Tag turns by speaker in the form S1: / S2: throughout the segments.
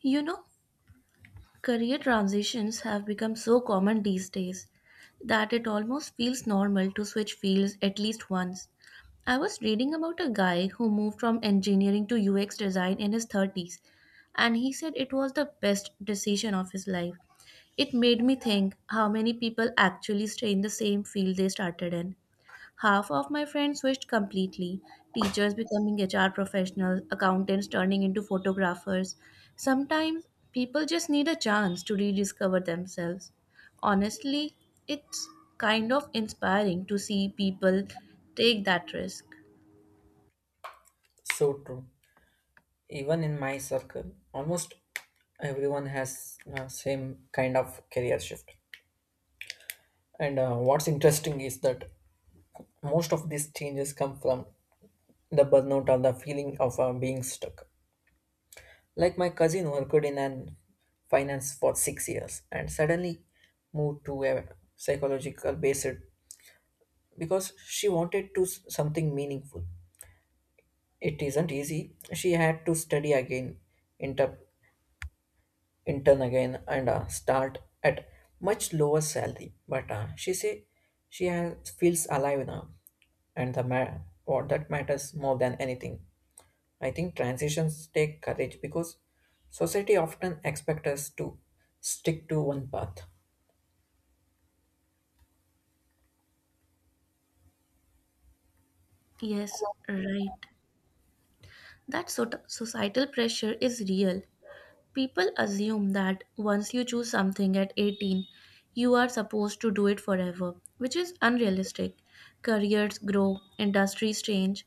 S1: You know, career transitions have become so common these days that it almost feels normal to switch fields at least once. I was reading about a guy who moved from engineering to UX design in his 30s, and he said it was the best decision of his life. It made me think how many people actually stay in the same field they started in. Half of my friends switched completely, teachers becoming HR professionals, accountants turning into photographers. Sometimes people just need a chance to rediscover themselves. Honestly, it's kind of inspiring to see people take that risk.
S2: So true. Even in my circle, almost everyone has same kind of career shift. And what's interesting is that most of these changes come from the burnout or the feeling of being stuck. Like my cousin worked in an finance for 6 years and suddenly moved to a psychological based because she wanted to something meaningful. It isn't easy. She had to study again, inter- intern again and start at much lower salary. But she say she has, feels alive now, and what that matters more than anything. I think transitions take courage because society often expects us to stick to one path.
S1: Yes, right. That societal pressure is real. People assume that once you choose something at 18, you are supposed to do it forever, which is unrealistic. Careers grow, industries change,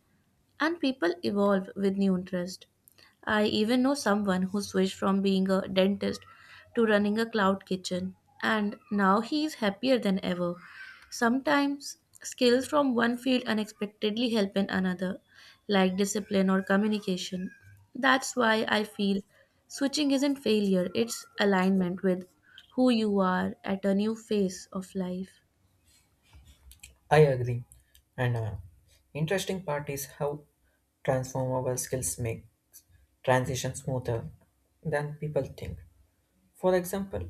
S1: and people evolve with new interest. I even know someone who switched from being a dentist to running a cloud kitchen, and now he is happier than ever. Sometimes skills from one field unexpectedly help in another, like discipline or communication. That's why I feel switching isn't failure, it's alignment with who you are at a new phase of life.
S2: I agree. And interesting part is how transformable skills make transition smoother than people think. For example,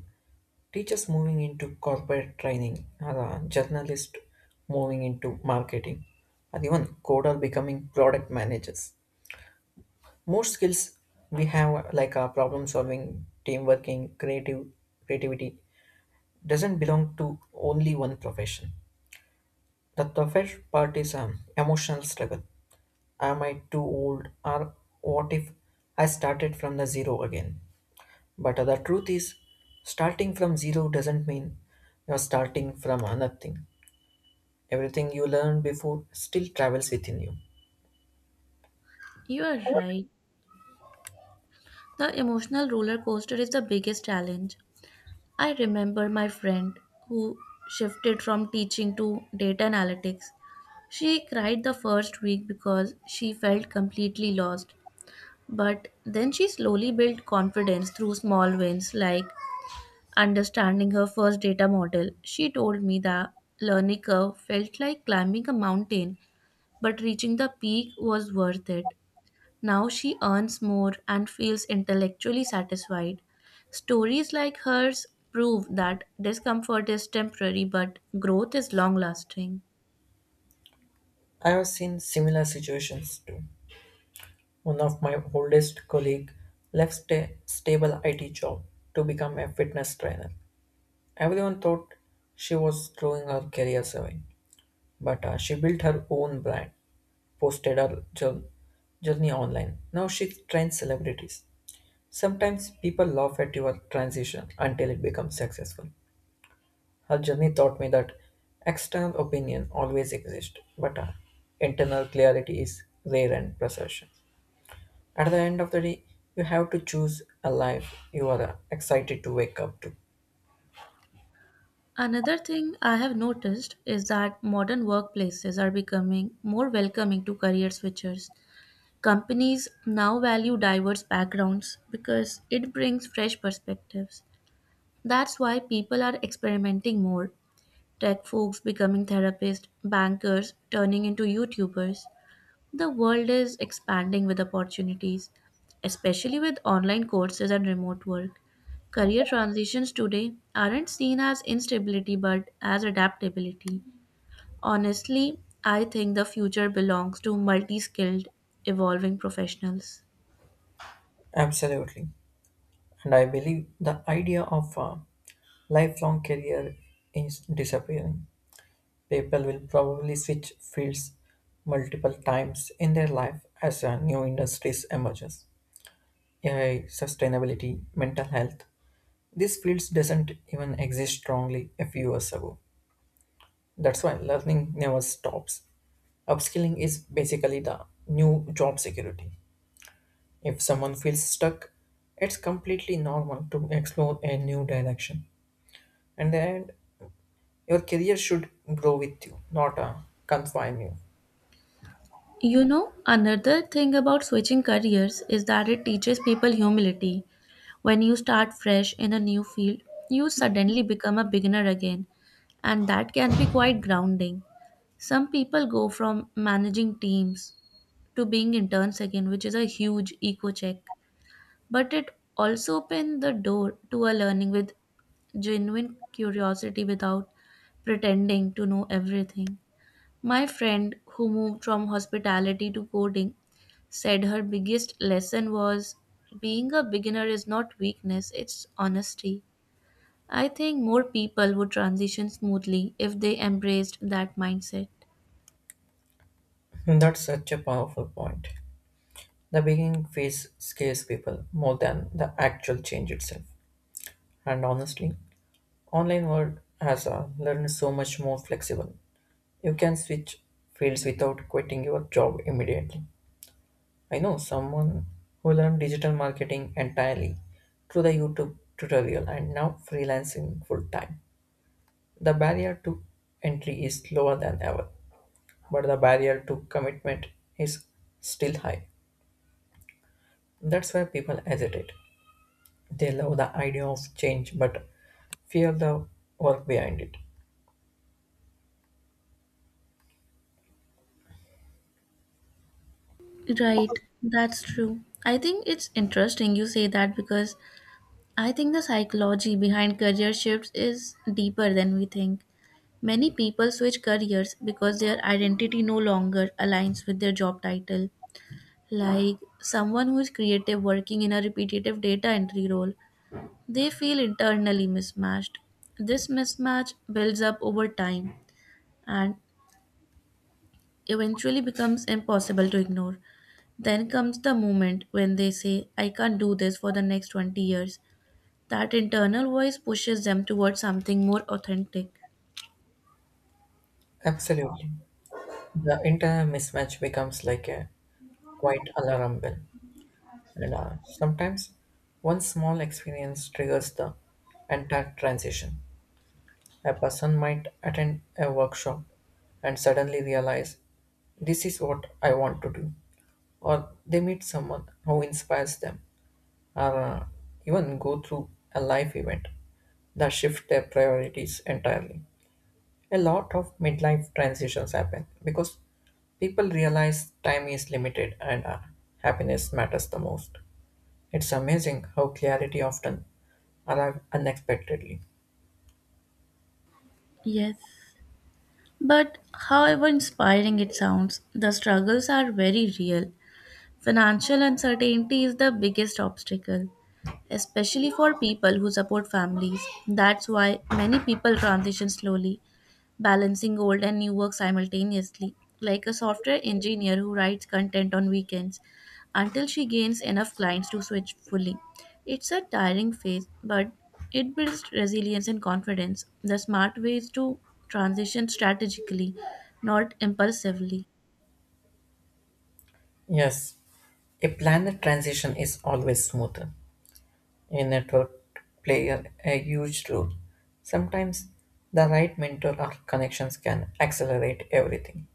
S2: teachers moving into corporate training, other journalists moving into marketing, or even coder becoming product managers. More skills we have like our problem solving, team working, creative creativity doesn't belong to only one profession. The toughest part is emotional struggle. Am I too old or what if I started from the zero again? But the truth is starting from zero doesn't mean you're starting from nothing. Everything you learned before still travels within you.
S1: You are right. The emotional roller coaster is the biggest challenge. I remember my friend who shifted from teaching to data analytics. She cried the first week because she felt completely lost, but then she slowly built confidence through small wins like understanding her first data model. She told me that learning curve felt like climbing a mountain, but reaching the peak was worth it. Now she earns more and feels intellectually satisfied. Stories like hers prove that discomfort is temporary but growth is long lasting.
S2: I have seen similar situations too. One of my oldest colleague left a stable IT job to become a fitness trainer. Everyone thought she was throwing her career away, but she built her own brand, posted her journey online. Now she trains celebrities. Sometimes people laugh at your transition until it becomes successful. Her journey taught me that external opinion always exists, but internal clarity is rare and precious. At the end of the day, you have to choose a life you are excited to wake up to.
S1: Another thing I have noticed is that modern workplaces are becoming more welcoming to career switchers. Companies now value diverse backgrounds because it brings fresh perspectives. That's why people are experimenting more. Tech folks becoming therapists, bankers turning into YouTubers. The world is expanding with opportunities, especially with online courses and remote work. Career transitions today aren't seen as instability but as adaptability. Honestly, I think the future belongs to multi skilled, evolving professionals.
S2: Absolutely. And I believe the idea of a lifelong career is disappearing. People will probably switch fields multiple times in their life as a new industries emerges. AI, sustainability, mental health, these fields doesn't even exist strongly a few years ago. That's why learning never stops. Upskilling is basically the new job security. If someone feels stuck, it's completely normal to explore a new direction. And then your career should grow with you, not confine you.
S1: You know, another thing about switching careers is that it teaches people humility. When you start fresh in a new field, you suddenly become a beginner again, and that can be quite grounding. Some people go from managing teams to being interns again, which is a huge eco check. But it also opens the door to a learning with genuine curiosity without pretending to know everything. My friend who moved from hospitality to coding said her biggest lesson was being a beginner is not weakness, it's honesty. I think more people would transition smoothly if they embraced that mindset.
S2: That's such a powerful point. The beginning phase scares people more than the actual change itself. And honestly, online world has learned so much more flexible. You can switch fields without quitting your job immediately. I know someone who learned digital marketing entirely through the YouTube tutorial and now freelancing full time. The barrier to entry is lower than ever, but the barrier to commitment is still high. That's why people hesitate. They love the idea of change but fear the work behind it.
S1: Right, that's true. I think it's interesting you say that because I think the psychology behind career shifts is deeper than we think. Many people switch careers because their identity no longer aligns with their job title. Like someone who is creative working in a repetitive data entry role, they feel internally mismatched. This mismatch builds up over time and eventually becomes impossible to ignore. Then comes the moment when they say, I can't do this for the next 20 years. That internal voice pushes them towards something more authentic.
S2: Absolutely. The entire mismatch becomes like a quiet alarm bell. And sometimes one small experience triggers the entire transition. A person might attend a workshop and suddenly realize this is what I want to do, or they meet someone who inspires them, or even go through a life event that shift their priorities entirely. A lot of midlife transitions happen because people realize time is limited and happiness matters the most. It's amazing how clarity often arrives unexpectedly.
S1: Yes. But however inspiring it sounds, the struggles are very real. Financial uncertainty is the biggest obstacle, especially for people who support families. That's why many people transition slowly, balancing old and new work simultaneously, like a software engineer who writes content on weekends until she gains enough clients to switch fully. It's a tiring phase, but it builds resilience and confidence. The smart way is to transition strategically, not impulsively.
S2: Yes, a planet transition is always smoother. A network player a huge role. Sometimes the right mentor or connections can accelerate everything.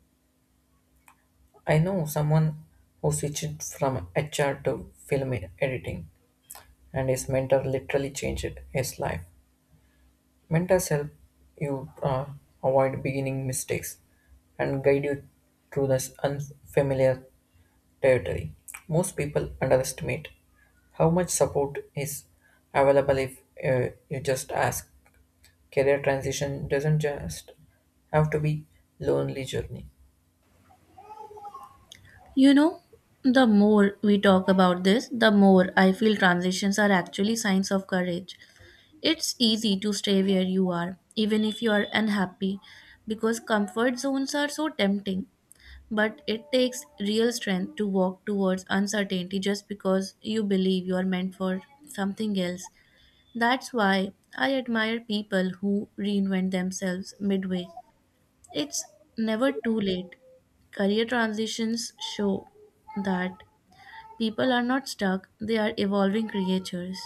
S2: I know someone who switched from HR to film editing, and his mentor literally changed his life. Mentors help you avoid beginning mistakes and guide you through this unfamiliar territory. Most people underestimate how much support is available if you just ask. Career transition doesn't just have to be lonely journey.
S1: You know, the more we talk about this, the more I feel transitions are actually signs of courage. It's easy to stay where you are, even if you are unhappy, because comfort zones are so tempting. But it takes real strength to walk towards uncertainty just because you believe you are meant for something else. That's why I admire people who reinvent themselves midway. It's never too late. Career transitions show that people are not stuck, they are evolving creatures.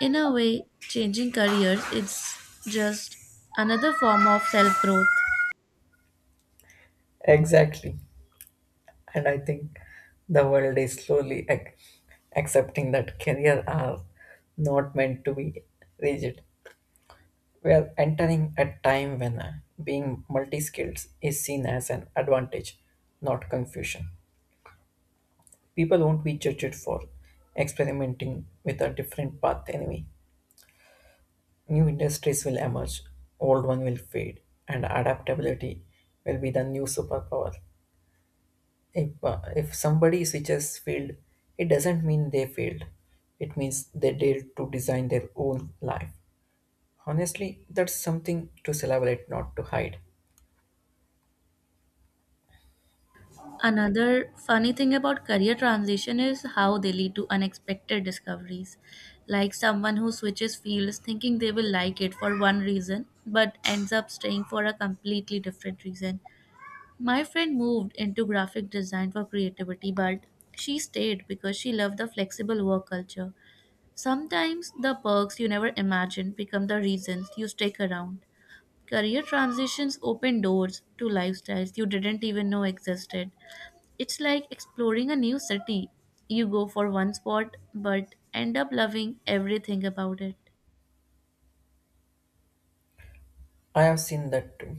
S1: In a way, changing careers is just another form of self growth.
S2: Exactly, and I think the world is slowly accepting that career are not meant to be rigid. We are entering a time when being multi-skilled is seen as an advantage, not confusion. People won't be judged for experimenting with a different path anyway. New industries will emerge, old one will fade, and adaptability will be the new superpower. If somebody switches field, it doesn't mean they failed. It means they dared to design their own life. Honestly, that's something to celebrate, not to hide.
S1: Another funny thing about career transition is how they lead to unexpected discoveries. Like someone who switches fields thinking they will like it for one reason but ends up staying for a completely different reason. My friend moved into graphic design for creativity, but she stayed because she loved the flexible work culture. Sometimes the perks you never imagined become the reasons you stick around. Career transitions open doors to lifestyles you didn't even know existed. It's like exploring a new city. You go for one spot but end up loving everything about it.
S2: I have seen that too.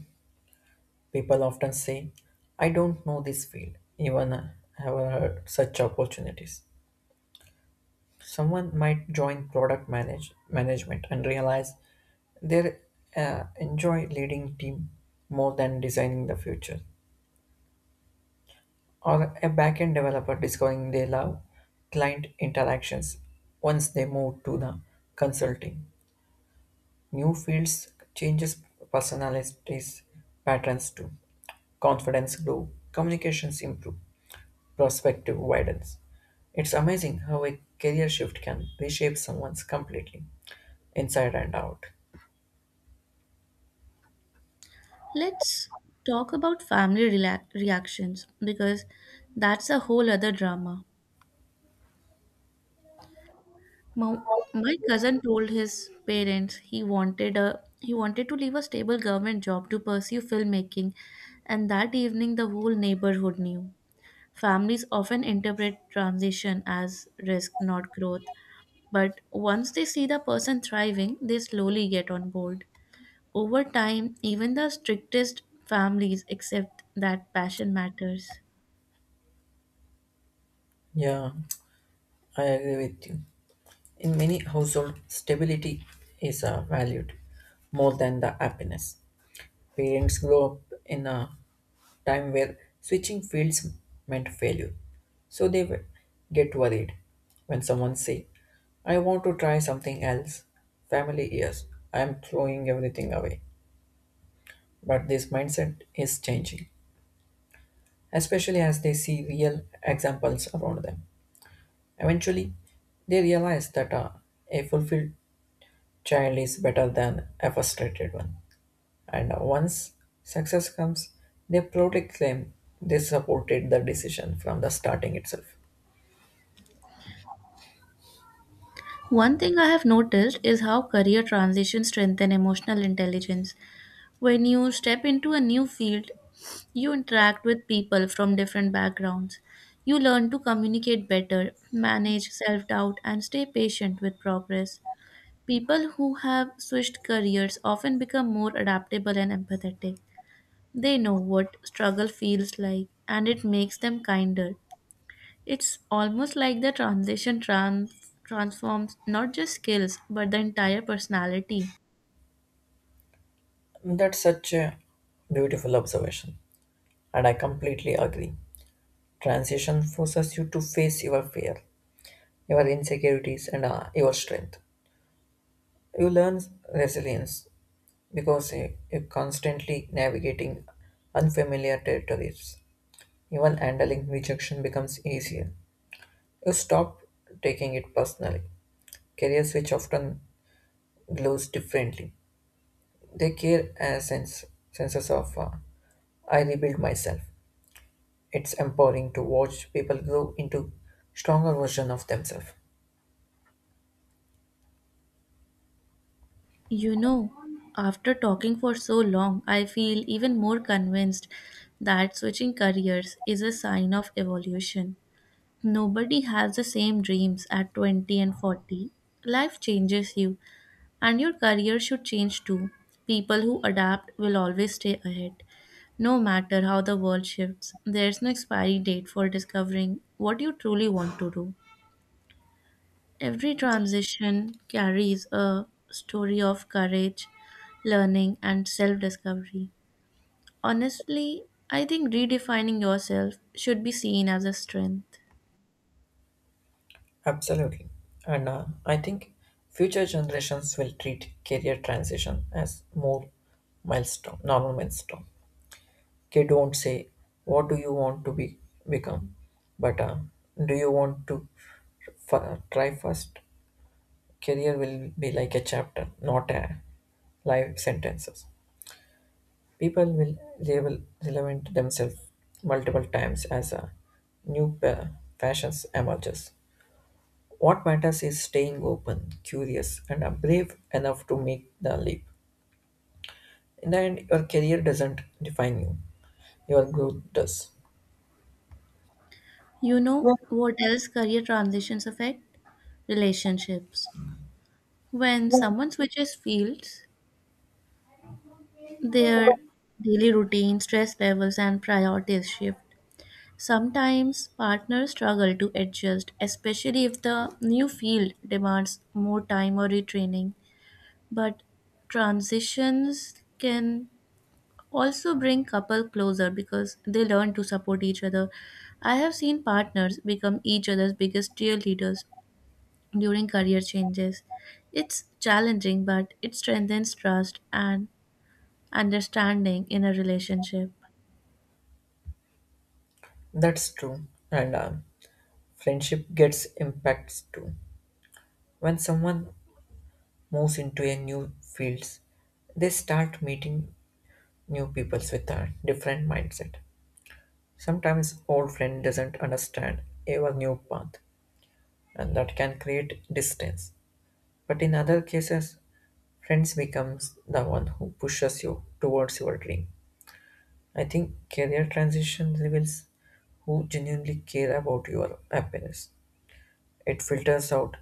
S2: People often say, I don't know this field, even I have heard such opportunities. Someone might join management and realize they enjoy leading team more than designing the future. Or a backend developer discovering they love client interactions once they move to the consulting. New fields changes personalities patterns too. Confidence grow, communications improve, perspective widens. It's amazing how a career shift can reshape someone's completely, inside and out.
S1: Let's talk about family reactions because that's a whole other drama. Mo- My cousin told his parents he wanted to leave a stable government job to pursue filmmaking, and that evening the whole neighborhood knew. Families often interpret transition as risk, not growth. But once they see the person thriving, they slowly get on board. Over time, even the strictest families accept that passion matters.
S2: Yeah, I agree with you. In many households, stability is valued more than the happiness. Parents grow up in a time where switching fields meant failure, so they get worried when someone say, "I want to try something else." Family yes, I am throwing everything away. But this mindset is changing, especially as they see real examples around them. Eventually, they realize that a fulfilled child is better than a frustrated one. And once success comes, they proudly claim they supported the decision from the starting itself.
S1: One thing I have noticed is how career transitions strengthen emotional intelligence. When you step into a new field, you interact with people from different backgrounds. You learn to communicate better, manage self doubt, and stay patient with progress. People who have switched careers often become more adaptable and empathetic. They know what struggle feels like and it makes them kinder. It's almost like the transition transforms not just skills but the entire personality.
S2: That's such a beautiful observation, and I completely agree. Transition forces you to face your fear, your insecurities, and your strength. You learn resilience because you're constantly navigating unfamiliar territories. Even handling rejection becomes easier. You stop taking it personally. Careers which often glows differently. They care as senses of I rebuild myself. It's empowering to watch people grow into stronger version of themselves.
S1: You know, after talking for so long, I feel even more convinced that switching careers is a sign of evolution. Nobody has the same dreams at 20 and 40. Life changes you, and your career should change too. People who adapt will always stay ahead. No matter how the world shifts, there's no expiry date for discovering what you truly want to do. Every transition carries a story of courage, learning, and self discovery. Honestly, I think redefining yourself should be seen as a strength.
S2: Absolutely. And I think future generations will treat career transition as normal milestone. K don't say, what do you want to be become? But do you want to try first? Career will be like a chapter, not a life sentences. People will label relevant themselves multiple times as a new pa- fashions emerges. What matters is staying open, curious, and brave enough to make the leap. In the end, your career doesn't define you; your growth does.
S1: You know what else career transitions affect? Relationships. When someone switches fields, their daily routine, stress levels, and priorities shift. Sometimes partners struggle to adjust, especially if the new field demands more time or retraining. But transitions can also bring couple closer because they learn to support each other. I have seen partners become each other's biggest cheerleaders during career changes. It's challenging, but it strengthens trust and understanding in a relationship.
S2: That's true. And Friendship gets impacts too. When someone moves into a new fields, they start meeting new people with a different mindset. Sometimes old friend doesn't understand our new path and that can create distance. But in other cases, friends becomes the one who pushes you towards your dream. I think career transition reveals who genuinely care about your happiness. It filters out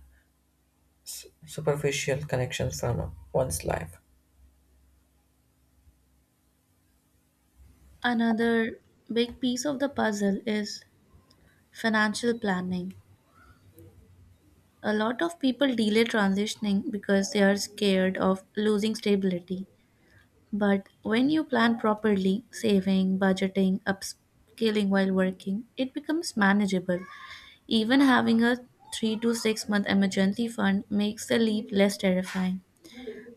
S2: superficial connections from one's life.
S1: Another big piece of the puzzle is financial planning. A lot of people delay transitioning because they are scared of losing stability. But when you plan properly, saving, budgeting, upscaling while working, it becomes manageable. Even having a 3 to 6 month emergency fund makes the leap less terrifying.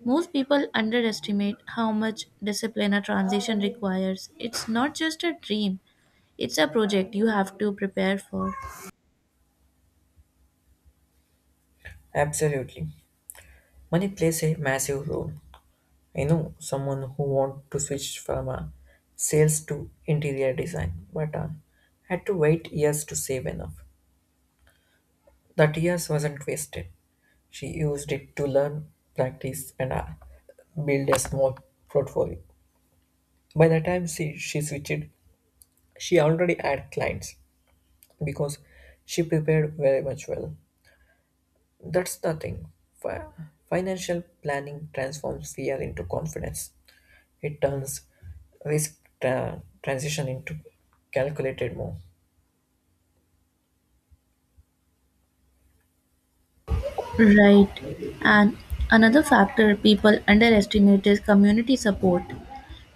S1: Most people underestimate how much discipline a transition requires. It's not just a dream, it's a project you have to prepare for.
S2: Absolutely. Money plays a massive role. I know someone who wanted to switch from sales to interior design, but had to wait years to save enough. That years wasn't wasted. She used it to learn, practice, and build a small portfolio. By the time she switched, she already had clients because she prepared very much well. That's the thing. Fi- Financial planning transforms fear into confidence. It turns risk transition into calculated move.
S1: Right. And another factor people underestimate is community support.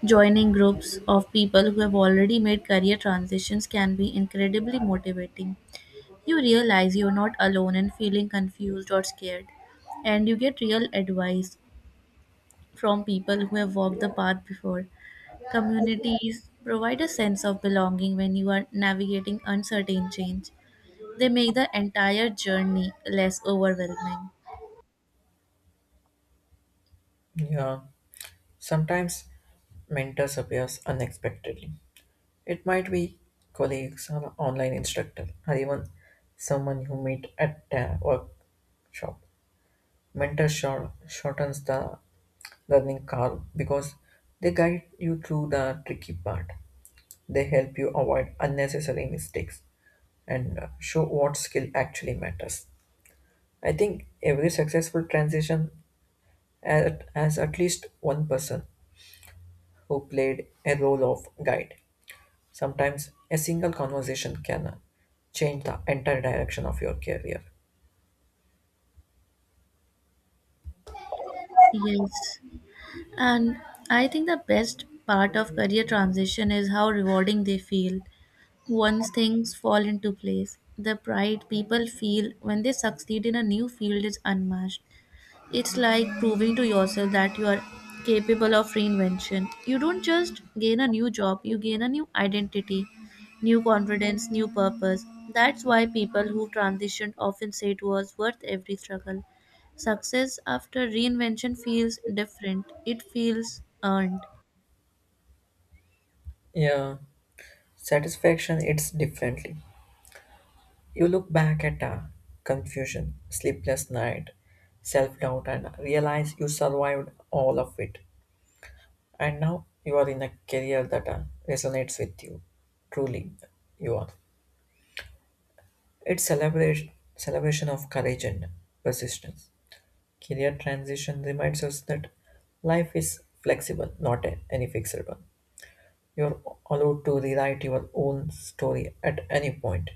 S1: Joining groups of people who have already made career transitions can be incredibly motivating. You realize you're not alone in feeling confused or scared, and you get real advice from people who have walked the path before. Communities provide a sense of belonging when you are navigating uncertain change. They make the entire journey less overwhelming.
S2: Yeah, sometimes mentors appears unexpectedly. It might be colleagues or online instructor or even someone you meet at a workshop. Mentor shortens the learning curve because they guide you through the tricky part. They help you avoid unnecessary mistakes and show what skill actually matters. I think every successful transition has at least one person who played a role of guide. Sometimes a single conversation can change the entire direction of your career.
S1: Yes. And I think the best part of career transition is how rewarding they feel. Once things fall into place, the pride people feel when they succeed in a new field is unmatched. It's like proving to yourself that you are capable of reinvention. You don't just gain a new job, you gain a new identity, new confidence, new purpose. That's why people who transitioned often say it was worth every struggle. Success after reinvention feels different, it feels earned.
S2: Yeah, satisfaction it's differently. You look back at confusion, sleepless night, self-doubt and realize you survived all of it. And now you are in a career that resonates with you. Truly, you are. It's celebration of courage and persistence. Career transition reminds us that life is flexible, not any fixed one. You're allowed to rewrite your own story at any point.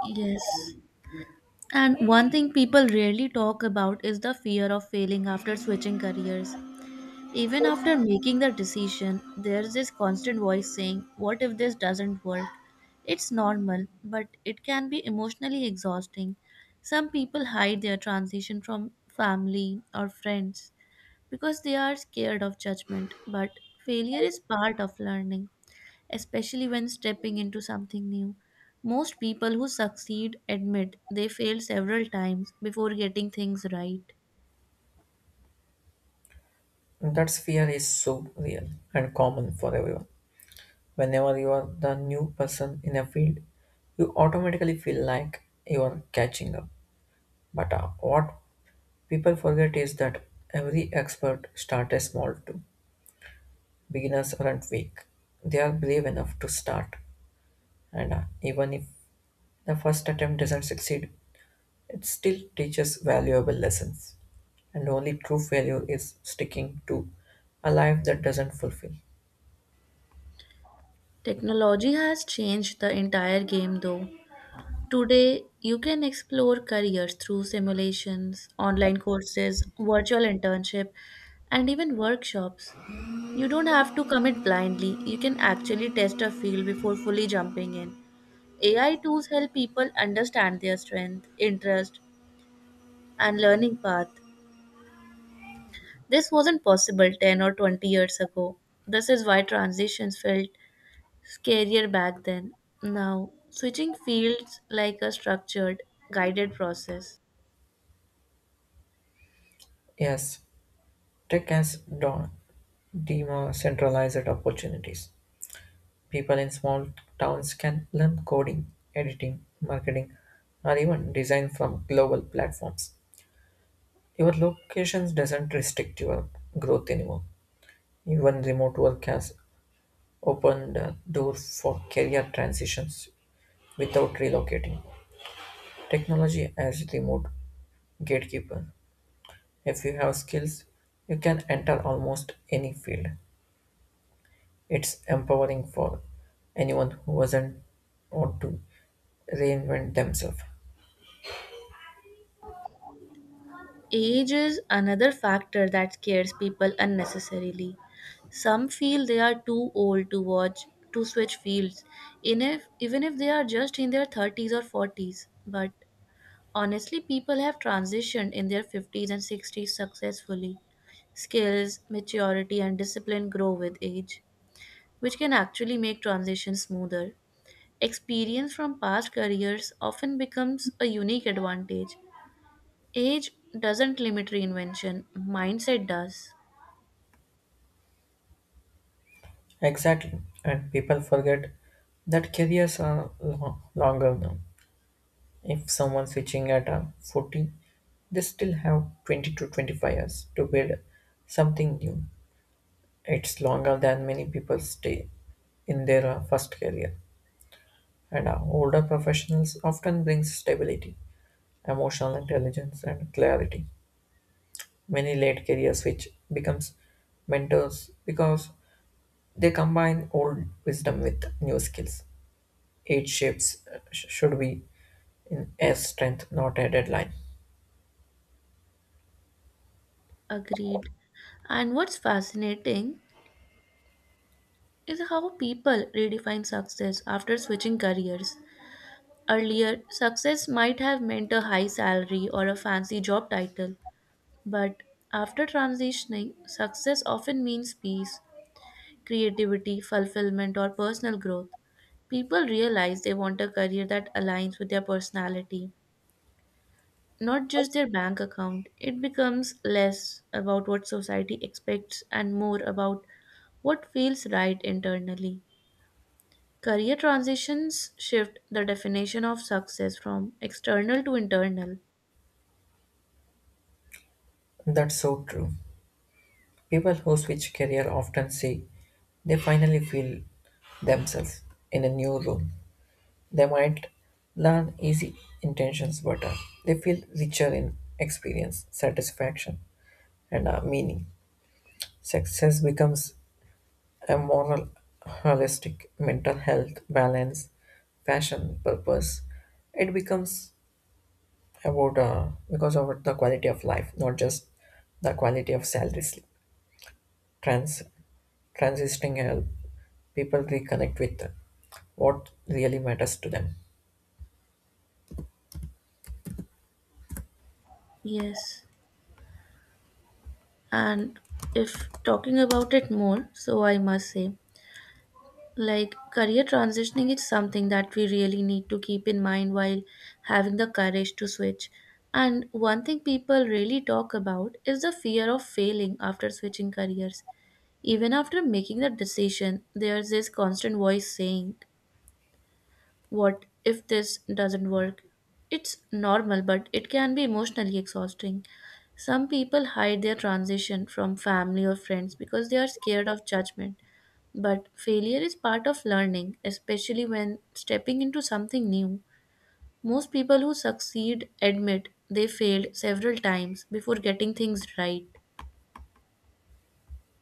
S1: Yes. And one thing people rarely talk about is the fear of failing after switching careers. Even after making the decision, there's this constant voice saying, what if this doesn't work? It's normal, but it can be emotionally exhausting. Some people hide their transition from family or friends because they are scared of judgment, but failure is part of learning, especially when stepping into something new. Most people who succeed admit they failed several times before getting things right.
S2: And that fear is so real and common for everyone. Whenever you are the new person in a field, you automatically feel like you are catching up. But what people forget is that every expert started small too. Beginners aren't weak. They are brave enough to start. And even if the first attempt doesn't succeed, it still teaches valuable lessons. And only true failure is sticking to a life that doesn't fulfill.
S1: Technology has changed the entire game though. Today, you can explore careers through simulations, online courses, virtual internship, and even workshops. You don't have to commit blindly. You can actually test a field before fully jumping in. AI tools help people understand their strength, interest, and learning path. This wasn't possible 10 or 20 years ago. This is why transitions felt scarier back then. Now, switching fields like a structured, guided process.
S2: Yes, tech has decentralized opportunities. People in small towns can learn coding, editing, marketing, or even design from global platforms. Your locations doesn't restrict your growth anymore. Even remote work has opened doors for career transitions without relocating. Technology as remote gatekeeper. If you have skills, you can enter almost any field. It's empowering for anyone who doesn't want to reinvent themselves.
S1: Age is another factor that scares people unnecessarily. Some feel they are too old to switch fields, in if, even if they are just in their 30s or 40s. But honestly, people have transitioned in their 50s and 60s successfully. Skills, maturity, and discipline grow with age, which can actually make transitions smoother. Experience from past careers often becomes a unique advantage. Age doesn't limit reinvention, mindset does.
S2: Exactly, and people forget that careers are longer now. If someone's switching at 40, they still have 20 to 25 years to build something new. It's longer than many people stay in their first career. And older professionals often bring stability, emotional intelligence, and clarity. Many late career switch becomes mentors because they combine old wisdom with new skills. Age shapes should be in a strength, not a deadline.
S1: Agreed. And what's fascinating is how people redefine success after switching careers. Earlier, success might have meant a high salary or a fancy job title, but after transitioning, success often means peace, creativity, fulfillment, or personal growth. People realize they want a career that aligns with their personality, not just their bank account. It becomes less about what society expects and more about what feels right internally. Career transitions shift the definition of success from external to internal.
S2: That's so true. People who switch career often say they finally feel themselves in a new role. They might learn easy intentions better. They feel richer in experience, satisfaction, and meaning. Success becomes a moral, holistic, mental health, balance, passion, purpose. It becomes about because of the quality of life, not just the quality of salary slip. Trans Transitioning help people reconnect with what really matters to them.
S1: Yes, and if talking about it more, so I must say. Like career transitioning is something that we really need to keep in mind while having the courage to switch. And one thing people really talk about is the fear of failing after switching careers. Even after making the decision, there's this constant voice saying, what if this doesn't work? It's normal, but it can be emotionally exhausting. Some people hide their transition from family or friends because they are scared of judgment. But failure is part of learning, especially when stepping into something new. Most people who succeed admit they failed several times before getting things right.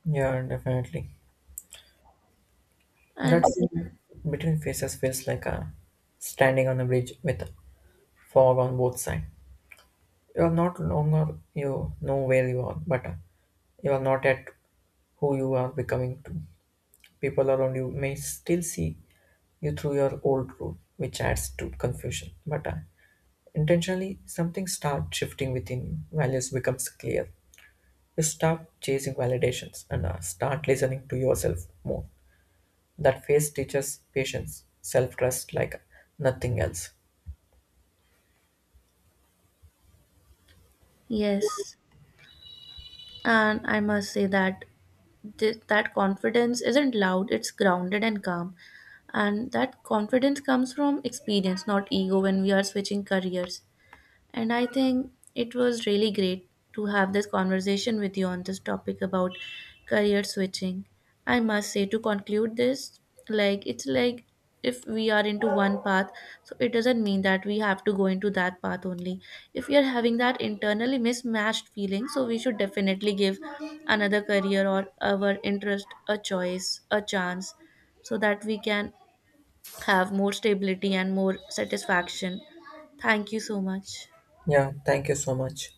S2: Yeah, definitely.
S1: And
S2: That's between faces feels like a standing on a bridge with fog on both sides. You are not longer you know where you are, but you are not at who you are becoming to. People around you may still see you through your old route, which adds to confusion. But intentionally, something starts shifting within you. Values becomes clear. Stop chasing validations and start listening to yourself more. That phase teaches patience, self trust like nothing else.
S1: yes, and I must say that that confidence isn't loud, it's grounded and calm, and that confidence comes from experience, not ego, when we are switching careers, and I think it was really great to have this conversation with you on this topic about career switching. I must say, to conclude this, like it's like if we are into one path, so it doesn't mean that we have to go into that path only. If we are having that internally mismatched feeling, so we should definitely give another career or our interest a choice, a chance, so that we can have more stability and more satisfaction. Thank you so much.
S2: Yeah, thank you so much.